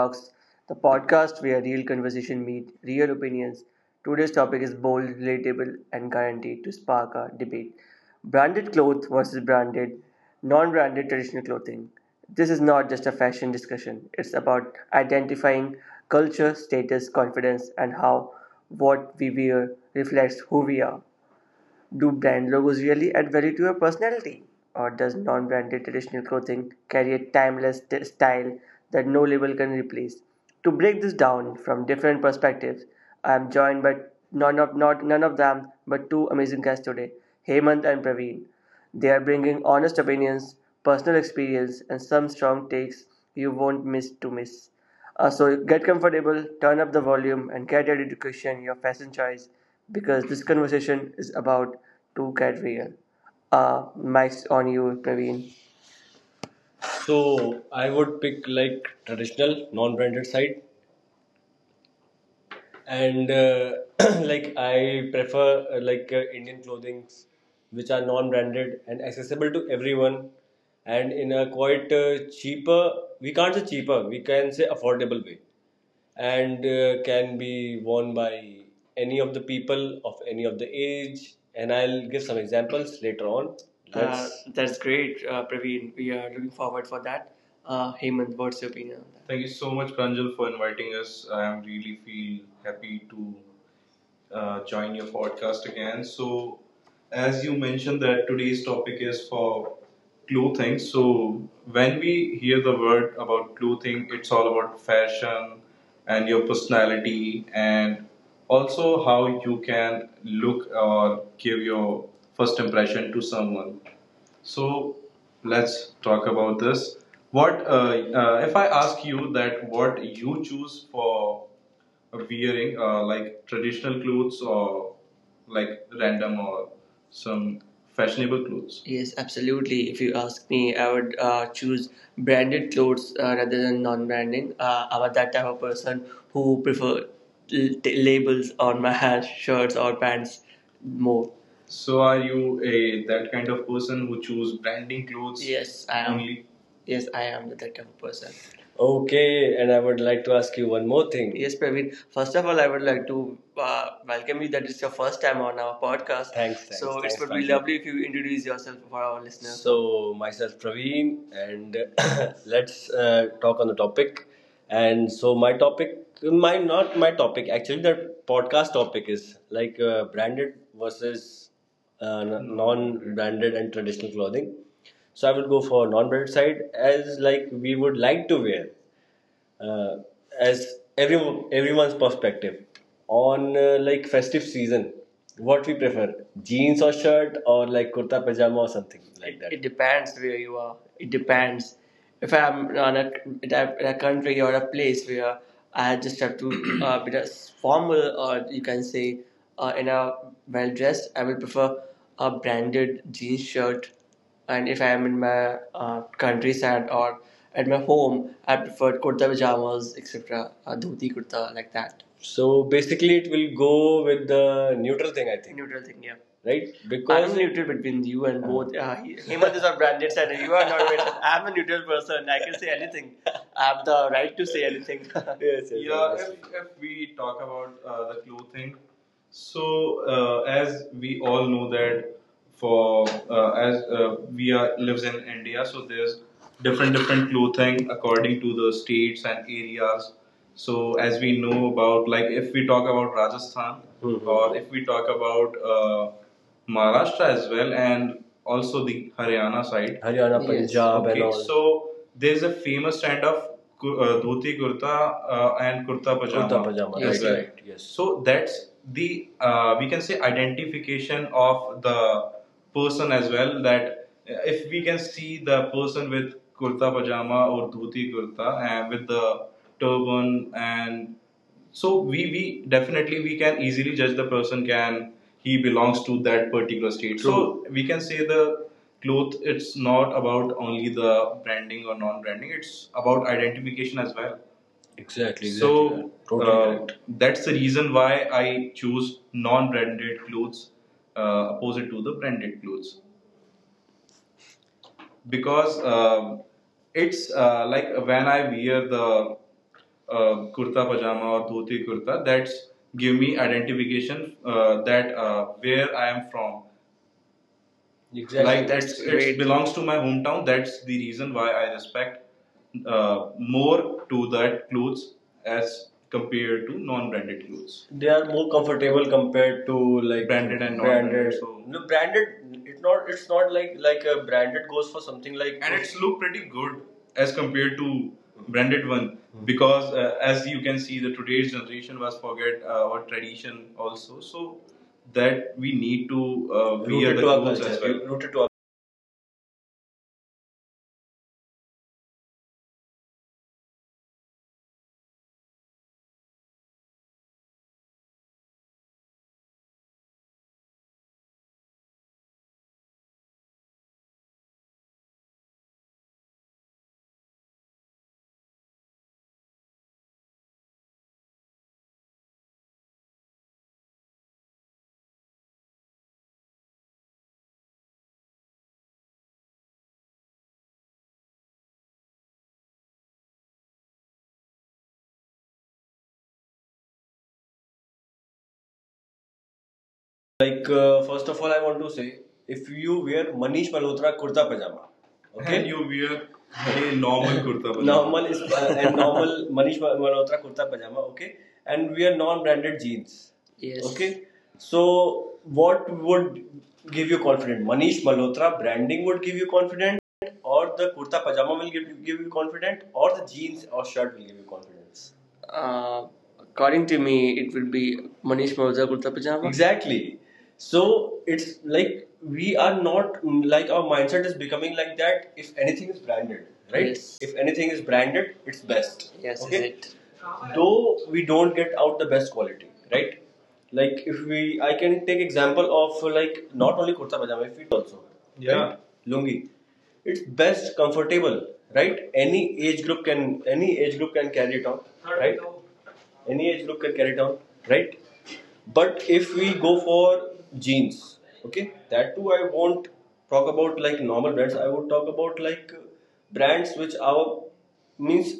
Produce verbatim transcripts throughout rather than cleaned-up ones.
Talks, the podcast where real conversation meet real opinions. Today's topic is bold, relatable, and guaranteed to spark a debate. Branded clothes versus branded, non-branded traditional clothing. This is not just a fashion discussion. It's about identifying culture, status, confidence, and how what we wear reflects who we are. Do brand logos really add value to your personality? Or does non branded traditional clothing carry a timeless t- style that no label can replace? To break this down from different perspectives, I am joined by none of, not, none of them but two amazing guests today, Hemant and Praveen. They are bringing honest opinions, personal experience, and some strong takes you won't miss to miss. Uh, so get comfortable, turn up the volume, and get ready to question your fashion choice because this conversation is about to get real. Uh, Mike's on you, Praveen. So I would pick like traditional non-branded side, and uh, like I prefer uh, like uh, Indian clothings, which are non-branded and accessible to everyone, and in a quite uh, cheaper. We can't say cheaper. We can say affordable way. And uh, can be worn by any of the people of any of the age. And I'll give some examples later on. Uh, that's great, uh, Praveen. We are looking forward for that. Uh, Hemant, what's your opinion on that? Thank you so much, Pranjal, for inviting us. I am really feel happy to uh, join your podcast again. So, as you mentioned that today's topic is for clothing. So, when we hear the word about clothing, it's all about fashion and your personality and also how you can look or give your first impression to someone. So let's talk about this. What uh, uh, if I ask you that what you choose for wearing uh, like traditional clothes or like random or some fashionable clothes? Yes, absolutely. If you ask me, I would uh, choose branded clothes uh, rather than non-branding. Uh, I'm that type of person who prefer l- t- labels on my hair, shirts, or pants more. So are you a that kind of person who choose branding clothes? Yes, I am. Only yes, I am that type of person. Okay, and I would like to ask you one more thing. Yes, Praveen. First of all, I would like to uh, welcome you that it's your first time on our podcast. Thanks, thanks. So thanks, it would be Franklin. Lovely if you introduce yourself for our listeners. So, myself Praveen, and let's uh, talk on the topic. And so, my topic, my not my topic, actually, the podcast topic is like uh, branded versus uh, non branded and traditional clothing. So I will go for non-branded side as like we would like to wear, uh, as every everyone's perspective on uh, like festive season. What we prefer, jeans or shirt or like kurta pajama or something like that? It depends where you are. It depends. If I'm on a, in a in a country or a place where I just have to uh, be as formal or you can say uh, in a well dressed, I will prefer a branded jeans shirt. And if I am in my uh, countryside or at my home, I prefer kurta pajamas, et cetera. Uh, dhoti kurta like that. So basically, it will go with the neutral thing, I think. Neutral thing, yeah, right? Because I'm neutral between you and both. Uh, he- Hemant is our branded side, and you are not. I'm a neutral person. I can say anything. I have the right to say anything. Yes, yes, yeah, yes. if, if we talk about uh, the clothing, so uh, as we all know that for uh, as uh, we are lives in india, so there's different different clothing according to the states and areas. So as we know about, like if we talk about Rajasthan. Mhm. Or if we talk about uh, Maharashtra as well, and also the Haryana side. Haryana, yes. Punjab, and okay, and all. So there's a famous trend of uh, dhoti kurta uh, and kurta pajama. Kurta pajama. Yes, right, right. Right. Yes. So that's the, uh, we can say, identification of the person as well. That if we can see the person with kurta pajama or dhoti kurta and with the turban, and so we we definitely we can easily judge the person, can he belongs to that particular state. True. So we can say the cloth, it's not about only the branding or non branding, it's about identification as well. Exactly, exactly. So exactly. Totally uh, that's the reason why I choose non branded clothes uh, opposite to the branded clothes. Because um, it's uh, like when I wear the uh, kurta pajama or dhoti kurta, that's give me identification uh, that uh, where I am from. Exactly. Like that's, it belongs to my hometown. That's the reason why I respect uh, more to that clothes as compared to non-branded clothes. They are more comfortable compared to like branded and non-branded, branded. So— No, branded. It's not. It's not like like a branded goes for something like. And it's look pretty good as compared to branded one. Because uh, as you can see the today's generation was forget uh, our tradition also, so that we need to uh, be rooted to our clothes as culture. Well. Like, uh, first of all, I want to say if you wear Manish Malhotra kurta pajama, okay? And you wear a normal kurta pajama. Normal is uh, and normal Manish Malhotra kurta pajama, okay? And wear non-branded jeans. Yes. Okay. So what would give you confidence? Manish Malhotra branding would give you confidence, or the kurta pajama will give you, give you confidence, or the jeans or shirt will give you confidence. Uh, According to me, it would be Manish Mauza Kurta Pajama. Exactly. So it's like we are not like our mindset is becoming like that. If anything is branded, right? Yes. If anything is branded, it's best. Yes, okay? Is it? Though we don't get out the best quality, right? Like if we, I can take example of like not only kurta pajama, if we also, yeah, right? Lungi, it's best comfortable, right? Any age group can, any age group can carry it out, right? Any age group can carry it on, right? But if we go for jeans, okay, that too I won't talk about like normal brands. I would talk about like brands which our means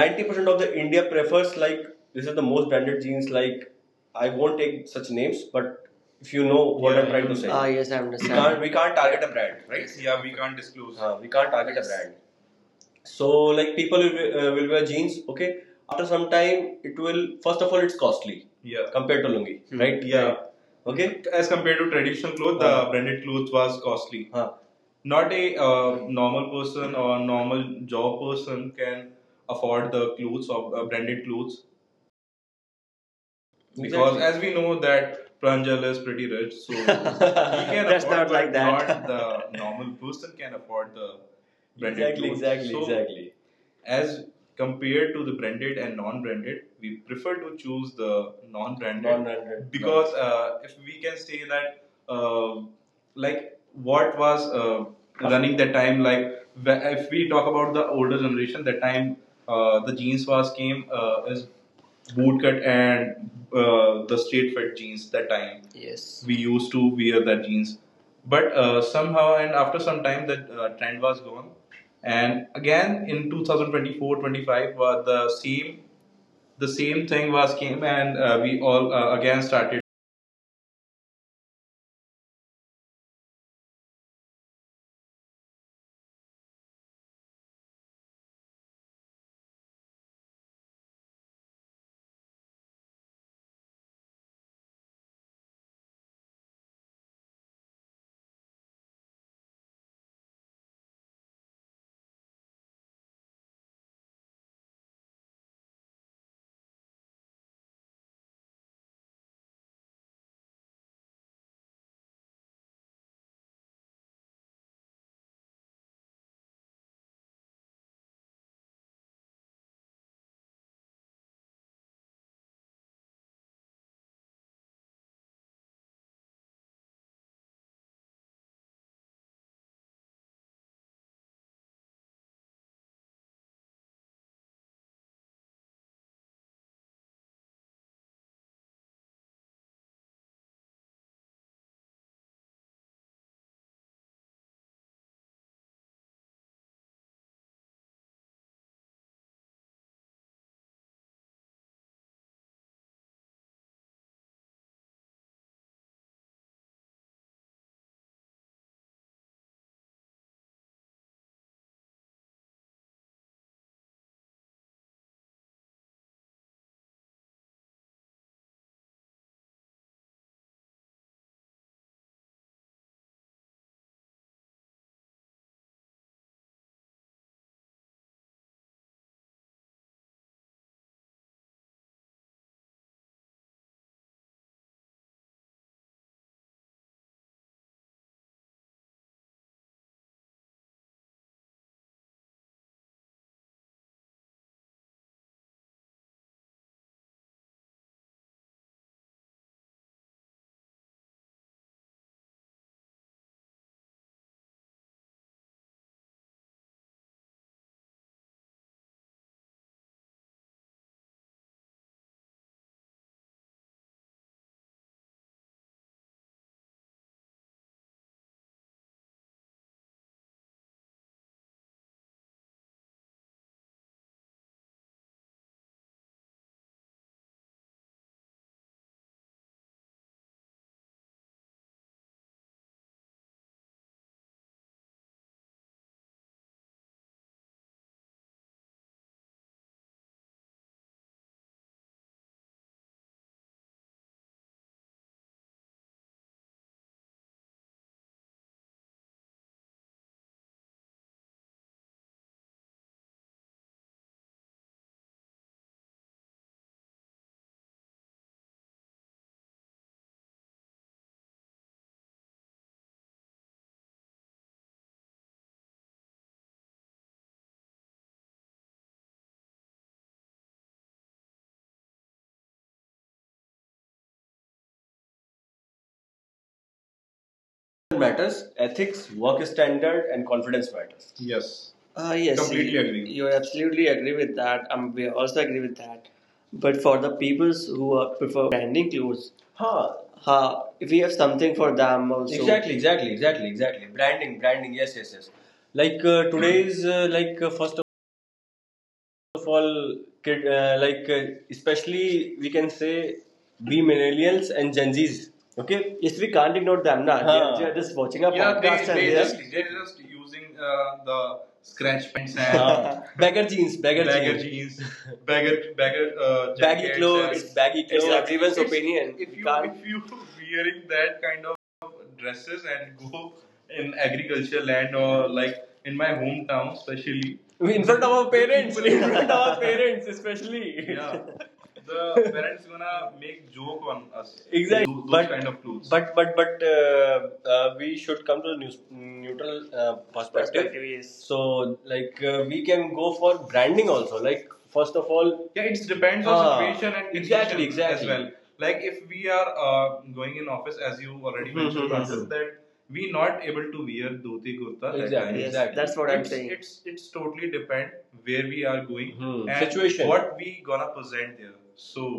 ninety percent of the india prefers, like this is the most branded jeans. Like I won't take such names, but if you know what, yeah, I'm trying to say. Ah, yes, I understand. we can't we can't target a brand, right? Yes. Yeah, we can't disclose. Uh, we can't target, yes, a brand. So like people will, uh, will wear jeans, okay? After some time it will, first of all, it's costly, yeah, compared to lungi. Hmm. Right. Yeah. Okay. As compared to traditional clothes, uh, the branded clothes was costly. Huh. Not a uh, normal person or normal job person can afford the clothes of uh, branded clothes, because, exactly, as we know, that Pranjal is pretty rich, so he can, that's, afford, not but like that. Not the normal person can afford the branded, exactly, clothes. Exactly. So, exactly, as compared to the branded and non-branded, we prefer to choose the non-branded, non-branded, because uh, if we can say that uh, like what was uh, running that time, like if we talk about the older generation, that time uh, the jeans was came uh, as bootcut and uh, the straight fit jeans, that time, yes, we used to wear that jeans, but uh, somehow and after some time that uh, trend was gone, and again, in two thousand twenty-four, twenty-five, 25, the same the same thing was came, and uh, we all uh, again started. Matters, ethics, work standard, and confidence matters. Yes. Uh, yes, completely you, agree. You absolutely agree with that. Um, we also agree with that. But for the peoples who uh, prefer branding clothes, huh, uh, we have something for them also. Exactly, exactly, exactly, exactly. Branding, branding. Yes, yes, yes. Like uh, today's, uh, like uh, first of all, kid, uh, like uh, especially we can say B millennials and Gen Zs. Okay, yes, we can't ignore them. Nah, huh, they're, just watching a, yeah, they, podcast they, and they they're just are they're just using uh, the scratch, huh, and uh, beggar jeans, beggar, bagger jeans. Jeans, bagger bagger uh, baggy clothes, baggy clothes, exactly, everyone's, it's-, opinion. If you, you if you wearing that kind of dresses and go in agriculture land or like in my hometown especially, in front of our parents, in front of our parents, especially, yeah, the parents gonna make joke on us. Exactly, those but, kind of clues. But but but uh, uh, we should come to a neutral uh, perspective. Perspective, yes. So like uh, we can go for branding also. Like first of all, yeah, it depends on, ah, situation and, exactly, exactly, as well. Like if we are uh, going in office, as you already mentioned, mhm, that we not able to wear dhoti kurta, exactly, yes, yes, that's what it's, I'm saying, it's it's totally depend where we are going. Hmm. And situation. What we gonna present there. So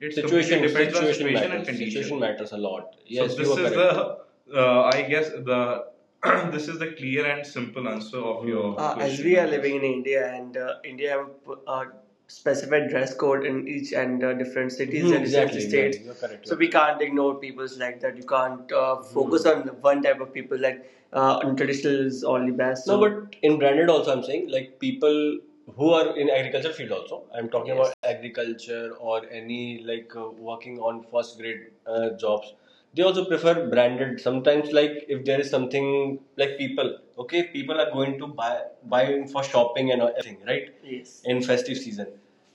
it's situation depends situation on situation matters. And condition. Situation matters a lot. Yes, so this is correct. The uh, I guess the this is the clear and simple answer of your, uh, question. As we are living in India and uh, India have a uh, specific dress code in each and uh, different cities, hmm, and exactly, different, exactly, states, exactly. You're correct, so you're, we, correct, can't ignore people like that. You can't uh, focus, mm, on one type of people like uh, traditional is only best. So, no, so- but in branded also, I'm saying like people who are in agriculture field also. I'm talking, yes, about agriculture or any like uh, working on first grade uh, jobs, they also prefer branded sometimes. Like if there is something like people, okay, people are going to buy buy for shopping, and right, yes, in festive season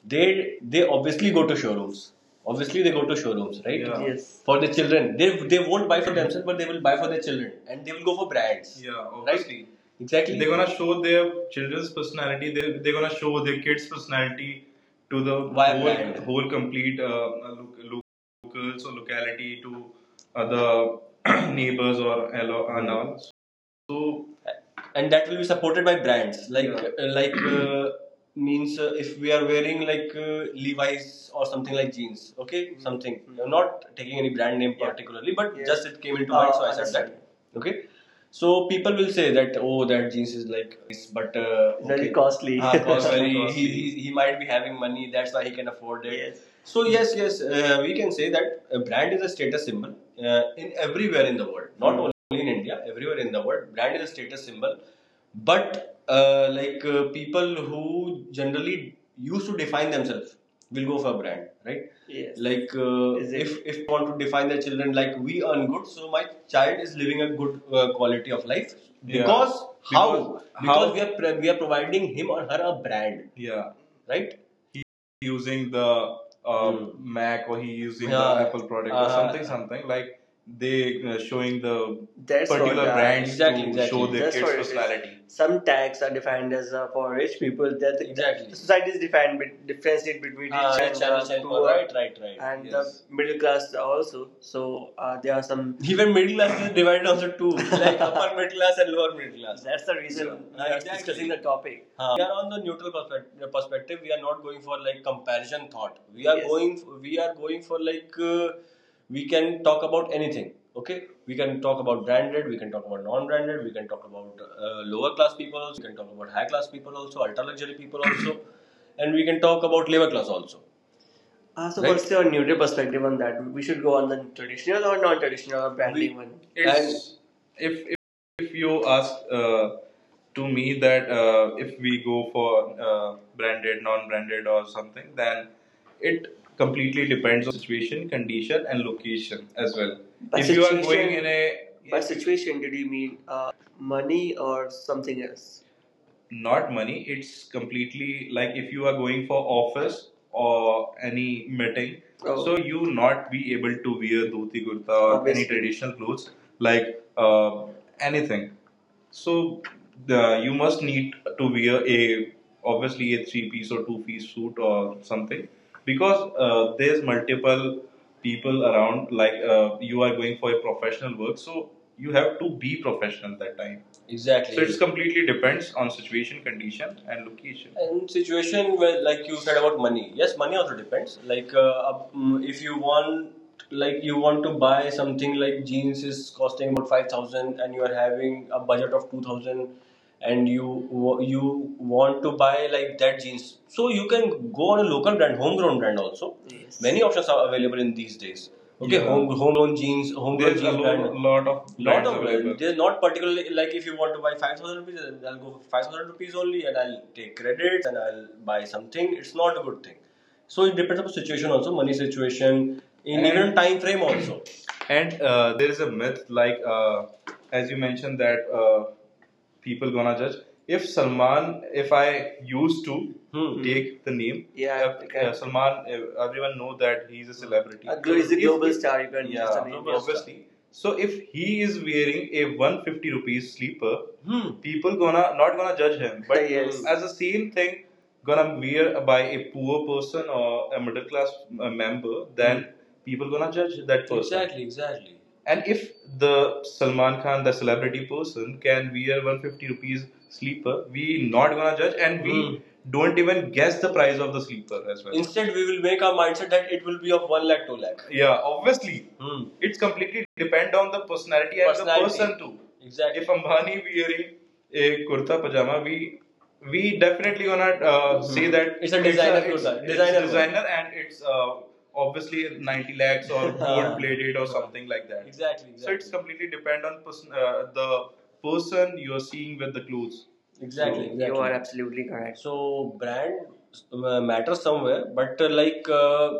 they they obviously go to showrooms, obviously they go to showrooms, right? Yeah. Yes. For the children, they, they won't buy for themselves, but they will buy for their children and they will go for brands, yeah, right, obviously. Right? Exactly. They're gonna show their children's personality. They they're gonna show their kids' personality to the whole, whole complete uh, locals or locality to other neighbors or allo- and all. So and that will be supported by brands like, yeah, uh, like uh, means uh, if we are wearing like uh, Levi's or something like jeans, okay, mm-hmm, something. Mm-hmm. I'm not taking any brand name particularly, yeah, but, yeah, just it came into mind, Uh, so I said that. Okay, so people will say that, oh, that jeans is like, but uh, okay. Very okay. Costly. Ah, cost, costly. He, he he might be having money, that's why he can afford it. Yes. So yes, yes, uh, we can say that a brand is a status symbol, uh, in everywhere in the world, not only in India, everywhere in the world, brand is a status symbol. But uh, like uh, people who generally used to define themselves will go for a brand, right? Yes. Like uh, if if want to define their children, like, we earn good, so my child is living a good uh, quality of life because, yeah, because how, because how-, we are we are providing him or her a brand, yeah, right? He using the uh, mm, Mac, or he using, yeah, the, yeah, Apple product uh, or, uh-huh, something, something like they uh, showing the, that's, particular, the-, brands, exactly, to, exactly, show their, that's, kids personality. Some tags are defined as uh, for rich people. That the, exactly, society is defined with difference between rich, ah, rich and uh, poor, right, right, right, and, yes, the middle class also. So uh, there are some, even middle class is divided also two. Like like upper middle class and lower middle class. That's the reason, yeah, we are, exactly, discussing the topic. Uh, are on the neutral perspective, perspective. We are not going for like comparison thought. We are, yes, going. For, we are going for like uh, we can talk about anything. Okay, we can talk about branded. We can talk about non-branded. We can talk about uh, lower class people. We can talk about high class people also. Ultra luxury people also, and we can talk about labor class also. Ah, so right? What's your neutral perspective on that? We should go on the traditional or non-traditional or branding one. It's, and if if you ask uh, to me that uh, if we go for uh, branded, non-branded, or something, then it completely depends situation, condition, and location as well. By, if you are going in a, by situation, did you mean uh, money or something else? Not money, it's completely like if you are going for office or any meeting, oh, so you not be able to wear dhoti kurta or, obviously, any traditional clothes like uh, anything, so the, you must need to wear a obviously a three piece or two piece suit or something, because uh, there's multiple people around, like uh, you are going for a professional work, so you have to be professional that time. Exactly. So it's completely depends on situation, condition, and location, and situation, where, like you said about money, yes, money also depends, like uh, mm, if you want, like you want to buy something like jeans is costing about five thousand and you are having a budget of two thousand and you you want to buy like that jeans, so you can go on a local brand, homegrown brand also. Yes. Many options are available in these days. Okay, yeah, home, homegrown jeans, homegrown, there's, jeans, lo-, brand, lot of, Lot of. Available. They're not particularly, like, if you want to buy five thousand rupees, I'll go for five thousand rupees only, and I'll take credits and I'll buy something. It's not a good thing. So it depends on the situation also, money situation, in even time frame also. And uh, there is a myth, like uh, as you mentioned, that uh, people gonna judge. If Salman, if I used to, Hmm. take the name, yeah, if, okay, uh, Salman, uh, everyone know that he's a celebrity. A glo- he's a If- global if, star. You can, yeah, just a name. Global star, obviously. So if he is wearing a one hundred fifty rupees sleeper, Hmm. people gonna not gonna judge him. But, yes, as the same thing, gonna wear by a poor person or a middle class uh, member, then mm. people gonna judge that person. Exactly, exactly. And if the Salman Khan, the celebrity person, can wear one hundred fifty rupees sleeper, we not gonna judge, and we, Hmm. don't even guess the price of the sleeper as well. Instead, we will make our mindset that it will be of one lakh, two lakh. Yeah, obviously. Hmm. It's completely depend on the personality, personality and the person too. Exactly. If Ambani wearing a kurta pajama, we we definitely gonna uh, mm-hmm, say that it's a designer, it's, kurta, it's designer one, designer, and it's uh, obviously ninety lakhs or gold plated or something like that. Exactly, exactly. So it's, exactly, completely depend on person, uh, the person you are seeing with the clothes. Exactly, You- exactly. You are absolutely correct. So brand uh, matters somewhere, but uh, like uh,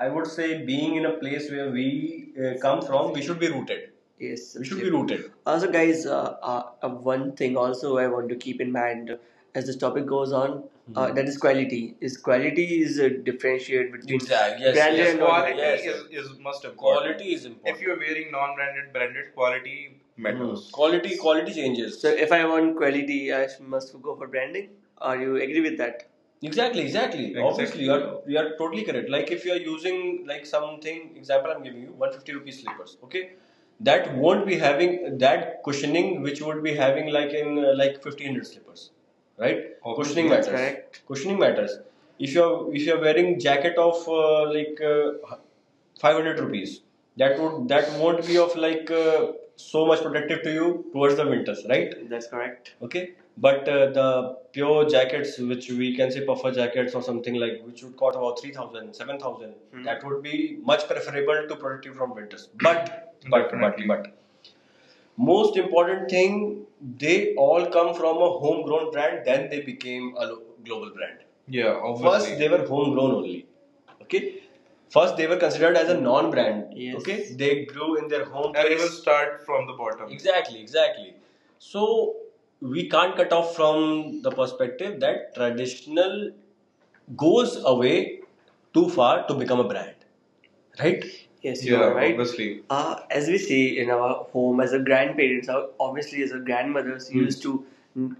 I would say, being in a place where we uh, come from, we should be rooted. Yes. We should be rooted. Also, guys, uh, uh, uh, one thing also I want to keep in mind as this topic goes on, uh, that is quality. Is quality is uh, differentiated between, exactly, yes, branded, yes, and quality, yes, is, is must important. Quality is important. If you're wearing non-branded, branded quality matters. Mm. Quality. Quality changes. So, if I want quality, I must go for branding. Or you agree with that? Exactly, exactly. Exactly. Obviously, you are you are totally correct. Like if you are using like something, example I'm giving you, one hundred fifty rupees slippers. Okay, that won't be having that cushioning which would be having like in uh, like fifteen hundred slippers, right? Okay, cushioning matters, correct. Cushioning matters if you're if you're wearing jacket of uh, like uh, five hundred rupees, that would, that won't be of like uh, so much protective to you towards the winters, right? That's correct. Okay, but uh, the pure jackets, which we can say puffer jackets or something, like, which would cost about three thousand, seven thousand, seven thousand, that would be much preferable to protect you from winters, but but but but most important thing, they all come from a homegrown brand, then they became a global brand. Yeah, obviously. First they were homegrown only, okay, first they were considered as a non-brand. Yes. Okay, they grew in their home and it will start from the bottom. Exactly, exactly. So we can't cut off from the perspective that traditional goes away too far to become a brand, right? Yes, you Yeah, are right, obviously. Uh, as we see in our home, as a grandparents, or obviously as a grandmothers, hmm, used to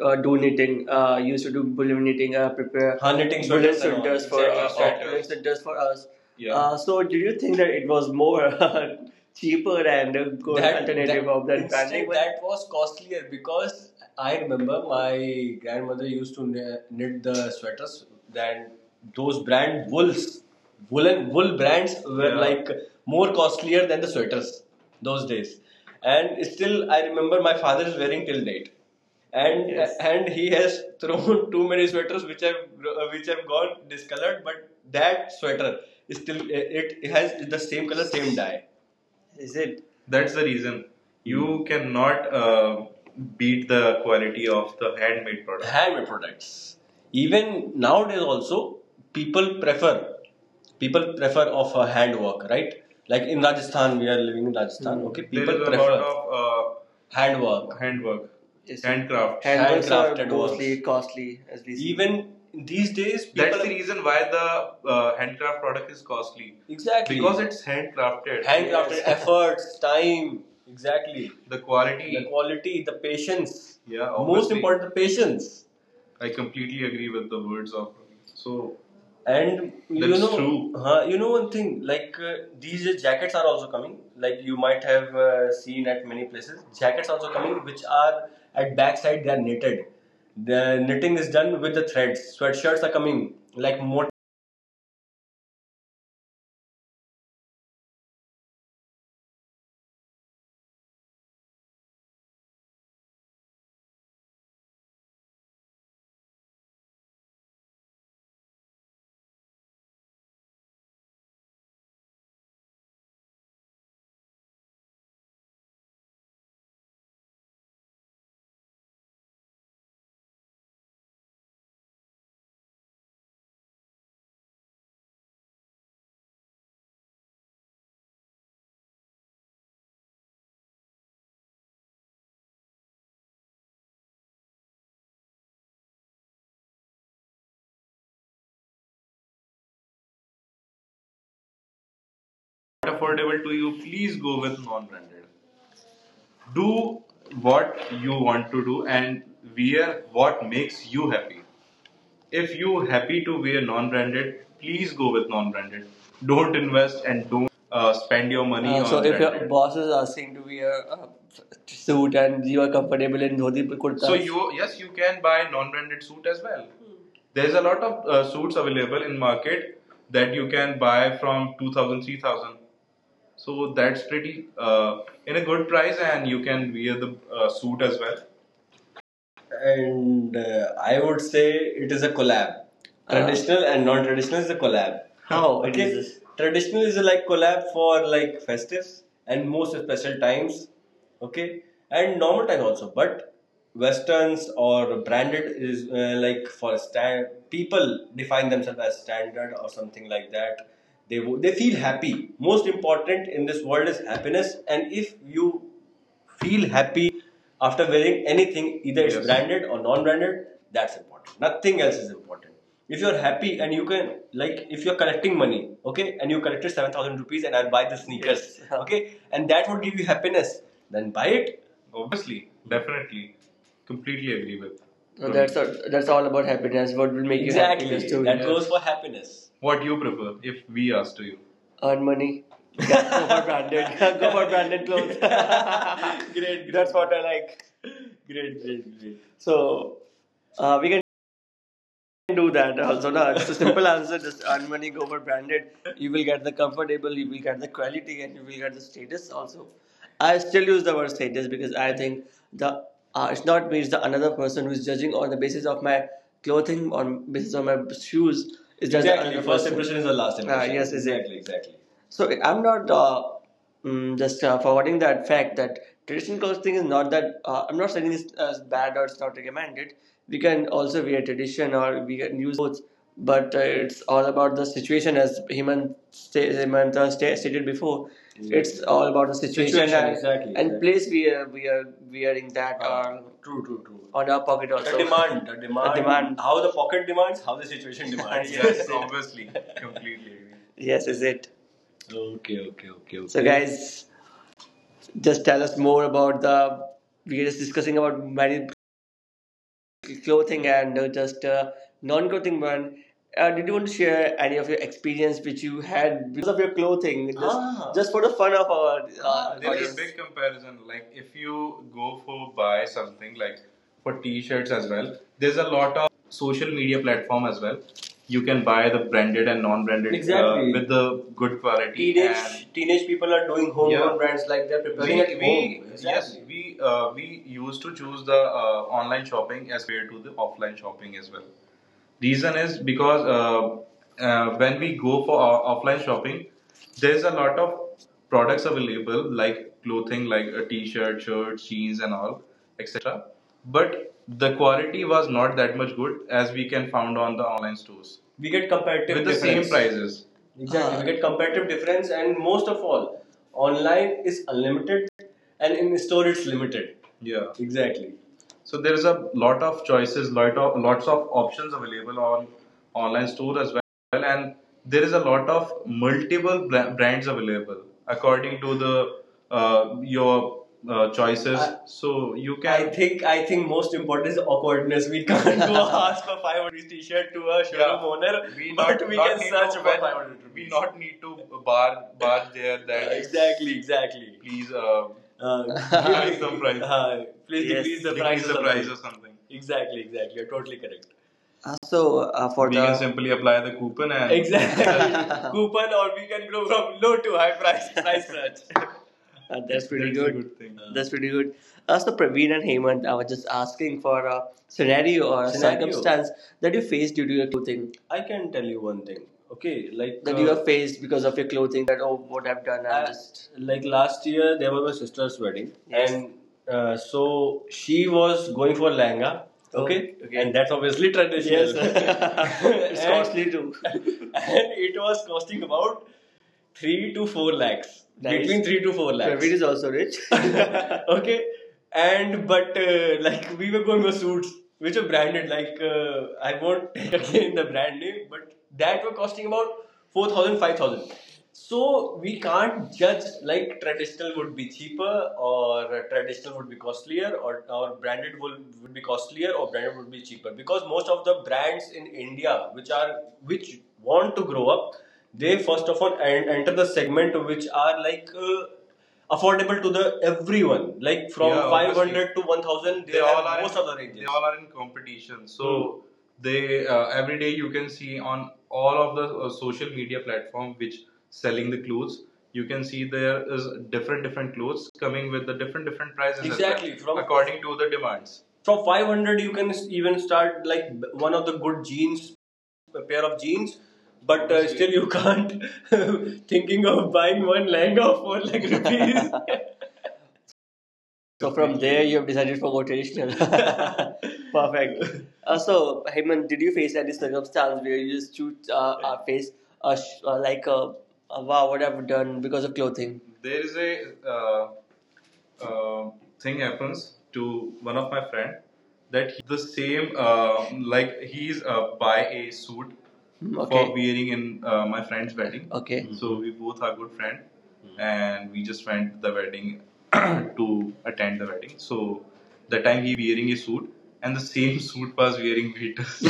uh, do knitting, uh, used to do bullion knitting, uh, prepare, ha, knitting bullion sweaters for, exactly, uh, sweaters for us. Yeah. Uh, so, did you think that it was more cheaper and a good that, alternative that, of that instead, that was costlier, because I remember my grandmother used to knit the sweaters. Then those brand wools, woolen wool brands were, yeah, like more costlier than the sweaters those days, and still I remember my father is wearing till date and, yes, and he has thrown too many sweaters which have uh, which have gone discolored, but that sweater is still, it has the same color, same dye. Is it? That's the reason you cannot uh, beat the quality of the handmade product. Handmade products even nowadays also, people prefer, people prefer of a handwork, right? Like in Rajasthan, we are living in Rajasthan, okay, people prefer, there is a prefer lot of handwork. Handwork, yes, handcraft. Handworks are handcrafted mostly costly as we see. Even these days, that's the reason why the uh, handcraft product is costly, exactly, because it's handcrafted. Handcrafted, yes, efforts, time, exactly, the quality, the quality, the patience. Yeah, obviously. Most important, the patience. I completely agree with the words of. So, and that's, you know, true. Huh, you know one thing. Like uh, these jackets are also coming. Like you might have uh, seen at many places, jackets also coming, which are at backside they are knitted. The knitting is done with the threads. Sweatshirts are coming like more affordable to you, please go with non-branded. Do what you want to do and wear what makes you happy. If you happy to wear non-branded, please go with non-branded. Don't invest and don't uh, spend your money. Uh, on so if your boss is asking to wear a suit and you are comfortable in dhoti kurtas, so you, yes, you can buy non-branded suit as well. Hmm. There's a lot of uh, suits available in market that you can buy from two thousand, three thousand. So that's pretty uh, in a good price and you can wear the uh, suit as well, and uh, I would say it is a collab. Traditional uh, and non-traditional is a collab. How it, okay, it is traditional is a, like, collab for like festives and most special times. Okay, and normal time also, but westerns or branded is uh, like for stand people define themselves as standard or something like that. They wo- they feel happy. Most important in this world is happiness, and if you feel happy after wearing anything, either it's, yes, branded or non-branded. That's important. Nothing else is important. If you're happy and you can like, if you're collecting money, okay, and you collected seven thousand rupees, and I'll buy the sneakers, yes, okay, and that would give you happiness, then buy it. Obviously, definitely, completely agree with. No, that's all, that's all about happiness. What will make, exactly, you happy? Exactly, that goes for happiness. What do you prefer if we ask to you? Earn money. go for branded. go for branded clothes. great, great. That's what I like. Great, great, great. So uh, we can do that also. No? It's a simple answer. Just earn money, go for branded. You will get the comfortable, you will get the quality, and you will get the status also. I still use the word status, because I think the uh, it's not me, it's the another person who is judging on the basis of my clothing, on basis of my shoes. Is just the, exactly, another First person. Impression is the last, ah, impression. Yes, is exactly, exactly. So I'm not uh, mm, just uh, forwarding that fact that traditional clothing is not that uh, I'm not saying it's as bad or it's not recommended. We can also wear tradition or we can use clothes, but uh, it's all about the situation as Hemant, sta- Hemant uh, sta- stated before. It's all about the situation, situation, and, exactly, and exactly, place we are, we are wearing that, ah, or true, true, true, on our pocket The also. Demand, the demand, demand, how the pocket demands, how the situation demands. Yes, yes, obviously, completely agree. Yes, is it. Okay, okay, okay. So, okay, guys, just tell us more about the. We are just discussing about many clothing and uh, just uh, non-clothing one. Uh, did you want to share any of your experience which you had of your clothing? Just, ah, just for the fun of our uh, ah, there is a audience. Big comparison. Like if you go for buy something like for t-shirts as well. There's a lot of social media platform as well. You can buy the branded and non-branded, exactly, uh, exactly, with the good quality. Teenage, teenage people are doing homegrown, yeah, brands, like they're preparing, we, at we home. Exactly, yes, we uh, we used to choose the uh, online shopping as compared to the offline shopping as well. Reason is because uh, uh, when we go for o- offline shopping, there's a lot of products available like clothing, like a t-shirt, shirts, jeans, and all, et cetera. But the quality was not that much good as we can found on the online stores. We get comparative with the difference, same prices. Exactly. Uh, We get comparative difference, and most of all, online is unlimited, and in store it's limited. Yeah. Exactly. So there is a lot of choices, lot of lots of options available on online store as well, and there is a lot of multiple bla- brands available according to the uh, your uh, choices. I- so you can. I think I think most important is awkwardness. We can't go ask for five hundred rupees t-shirt to a showroom, yeah, owner, we but not, we not can search for five hundred rupees. We not need to bar bar there that, exactly, exactly, please, uh, uh, give some price. Uh, please, yes, decrease the price or the something, price or something. Exactly, exactly. You're totally correct. Uh, so uh, for we the can simply apply the coupon and, exactly, coupon, or we can go from low to high price price search. Uh, that's pretty— that's good— good thing. Uh, That's pretty good. Uh, so Praveen and Hemant, I was just asking for a scenario or a scenario, circumstance that you faced due to your clothing. I can tell you one thing. Okay, like that uh, you have faced because of your clothing that, oh, what I've done. I just like last year there was my sister's wedding, yes, and uh, so she was going for lehenga. Okay? Oh, Okay? okay. And that's obviously traditional. Yes, it's— and costly too, and it was costing about three to four lakhs. Nice. Between three to four lakhs. Praveen is also rich. Okay. And but uh, like we were going for suits which are branded, like, uh, I won't take again the brand name, but that were costing about four thousand, five thousand. So we can't judge like traditional would be cheaper or traditional would be costlier, or, or branded would, would be costlier or branded would be cheaper, because most of the brands in India which are— which want to grow up, they first of all en- enter the segment which are like uh, affordable to the everyone, like, from, yeah, five hundred to one thousand, they, they all are most in, of the ranges. They all are in competition. So, hmm, they uh, every day you can see on all of the uh, social media platform which selling the clothes. You can see there is different different clothes coming with the different different prices— well, exactly, from— according to the demands from five hundred you can even start like one of the good jeans, a pair of jeans, but uh, still you can't thinking of buying one lehenga for like rupees. So from there, you have decided for go traditional. Perfect. Uh, so, Heyman, did you face any circumstance where you just choose uh, uh, face uh, sh- uh, like a uh, wow, what I've done because of clothing? There is a uh, uh, thing happens to one of my friend that the same, uh, like, he is uh, buy a suit, hmm, for Okay. wearing in uh, my friend's wedding. Okay. Mm-hmm. So we both are good friend, and we just went to the wedding to attend the wedding. So that time he wearing a suit, and the same suit was wearing Beatles.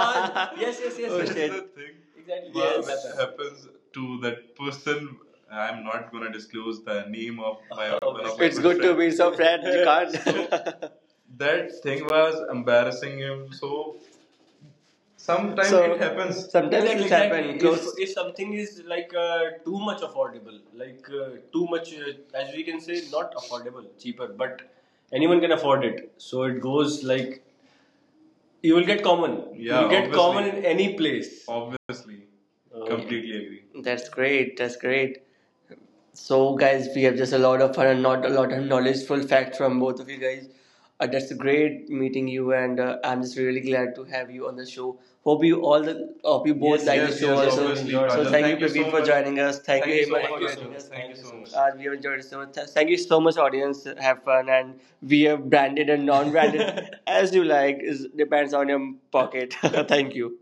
Yes, yes, yes. So, yes, it's the thing, exactly, yes, which happens to that person. I'm not gonna disclose the name of my one of— it's good friend— to be so friend. You can't. So that thing was embarrassing him. So, sometimes, so it happens. Sometimes, exactly, it like happens, exactly. If, if something is like uh, too much affordable, like uh, too much, uh, as we can say, not affordable, cheaper, but anyone can afford it. So it goes like you will get common. You, yeah, you will get obviously common in any place. Obviously. Uh, Completely agree. That's great. That's great. So, guys, we have just a lot of fun and not a lot of knowledgeful facts from both of you guys. Uh, that's great meeting you, and uh, I'm just really glad to have you on the show. Hope you all the hope you both, yes, like, yes, the show, yes, also, obviously, so Rajat, thank you, thank you, you Praveen, so for much, joining us. Thank, thank you, you so Hemant, much, for Rajat, joining so us. Thank, thank you so so much. Uh, we have enjoyed it so much. Th- Thank you so much, audience. Have fun, and we have branded and non-branded as you like. Is depends on your pocket. Thank you.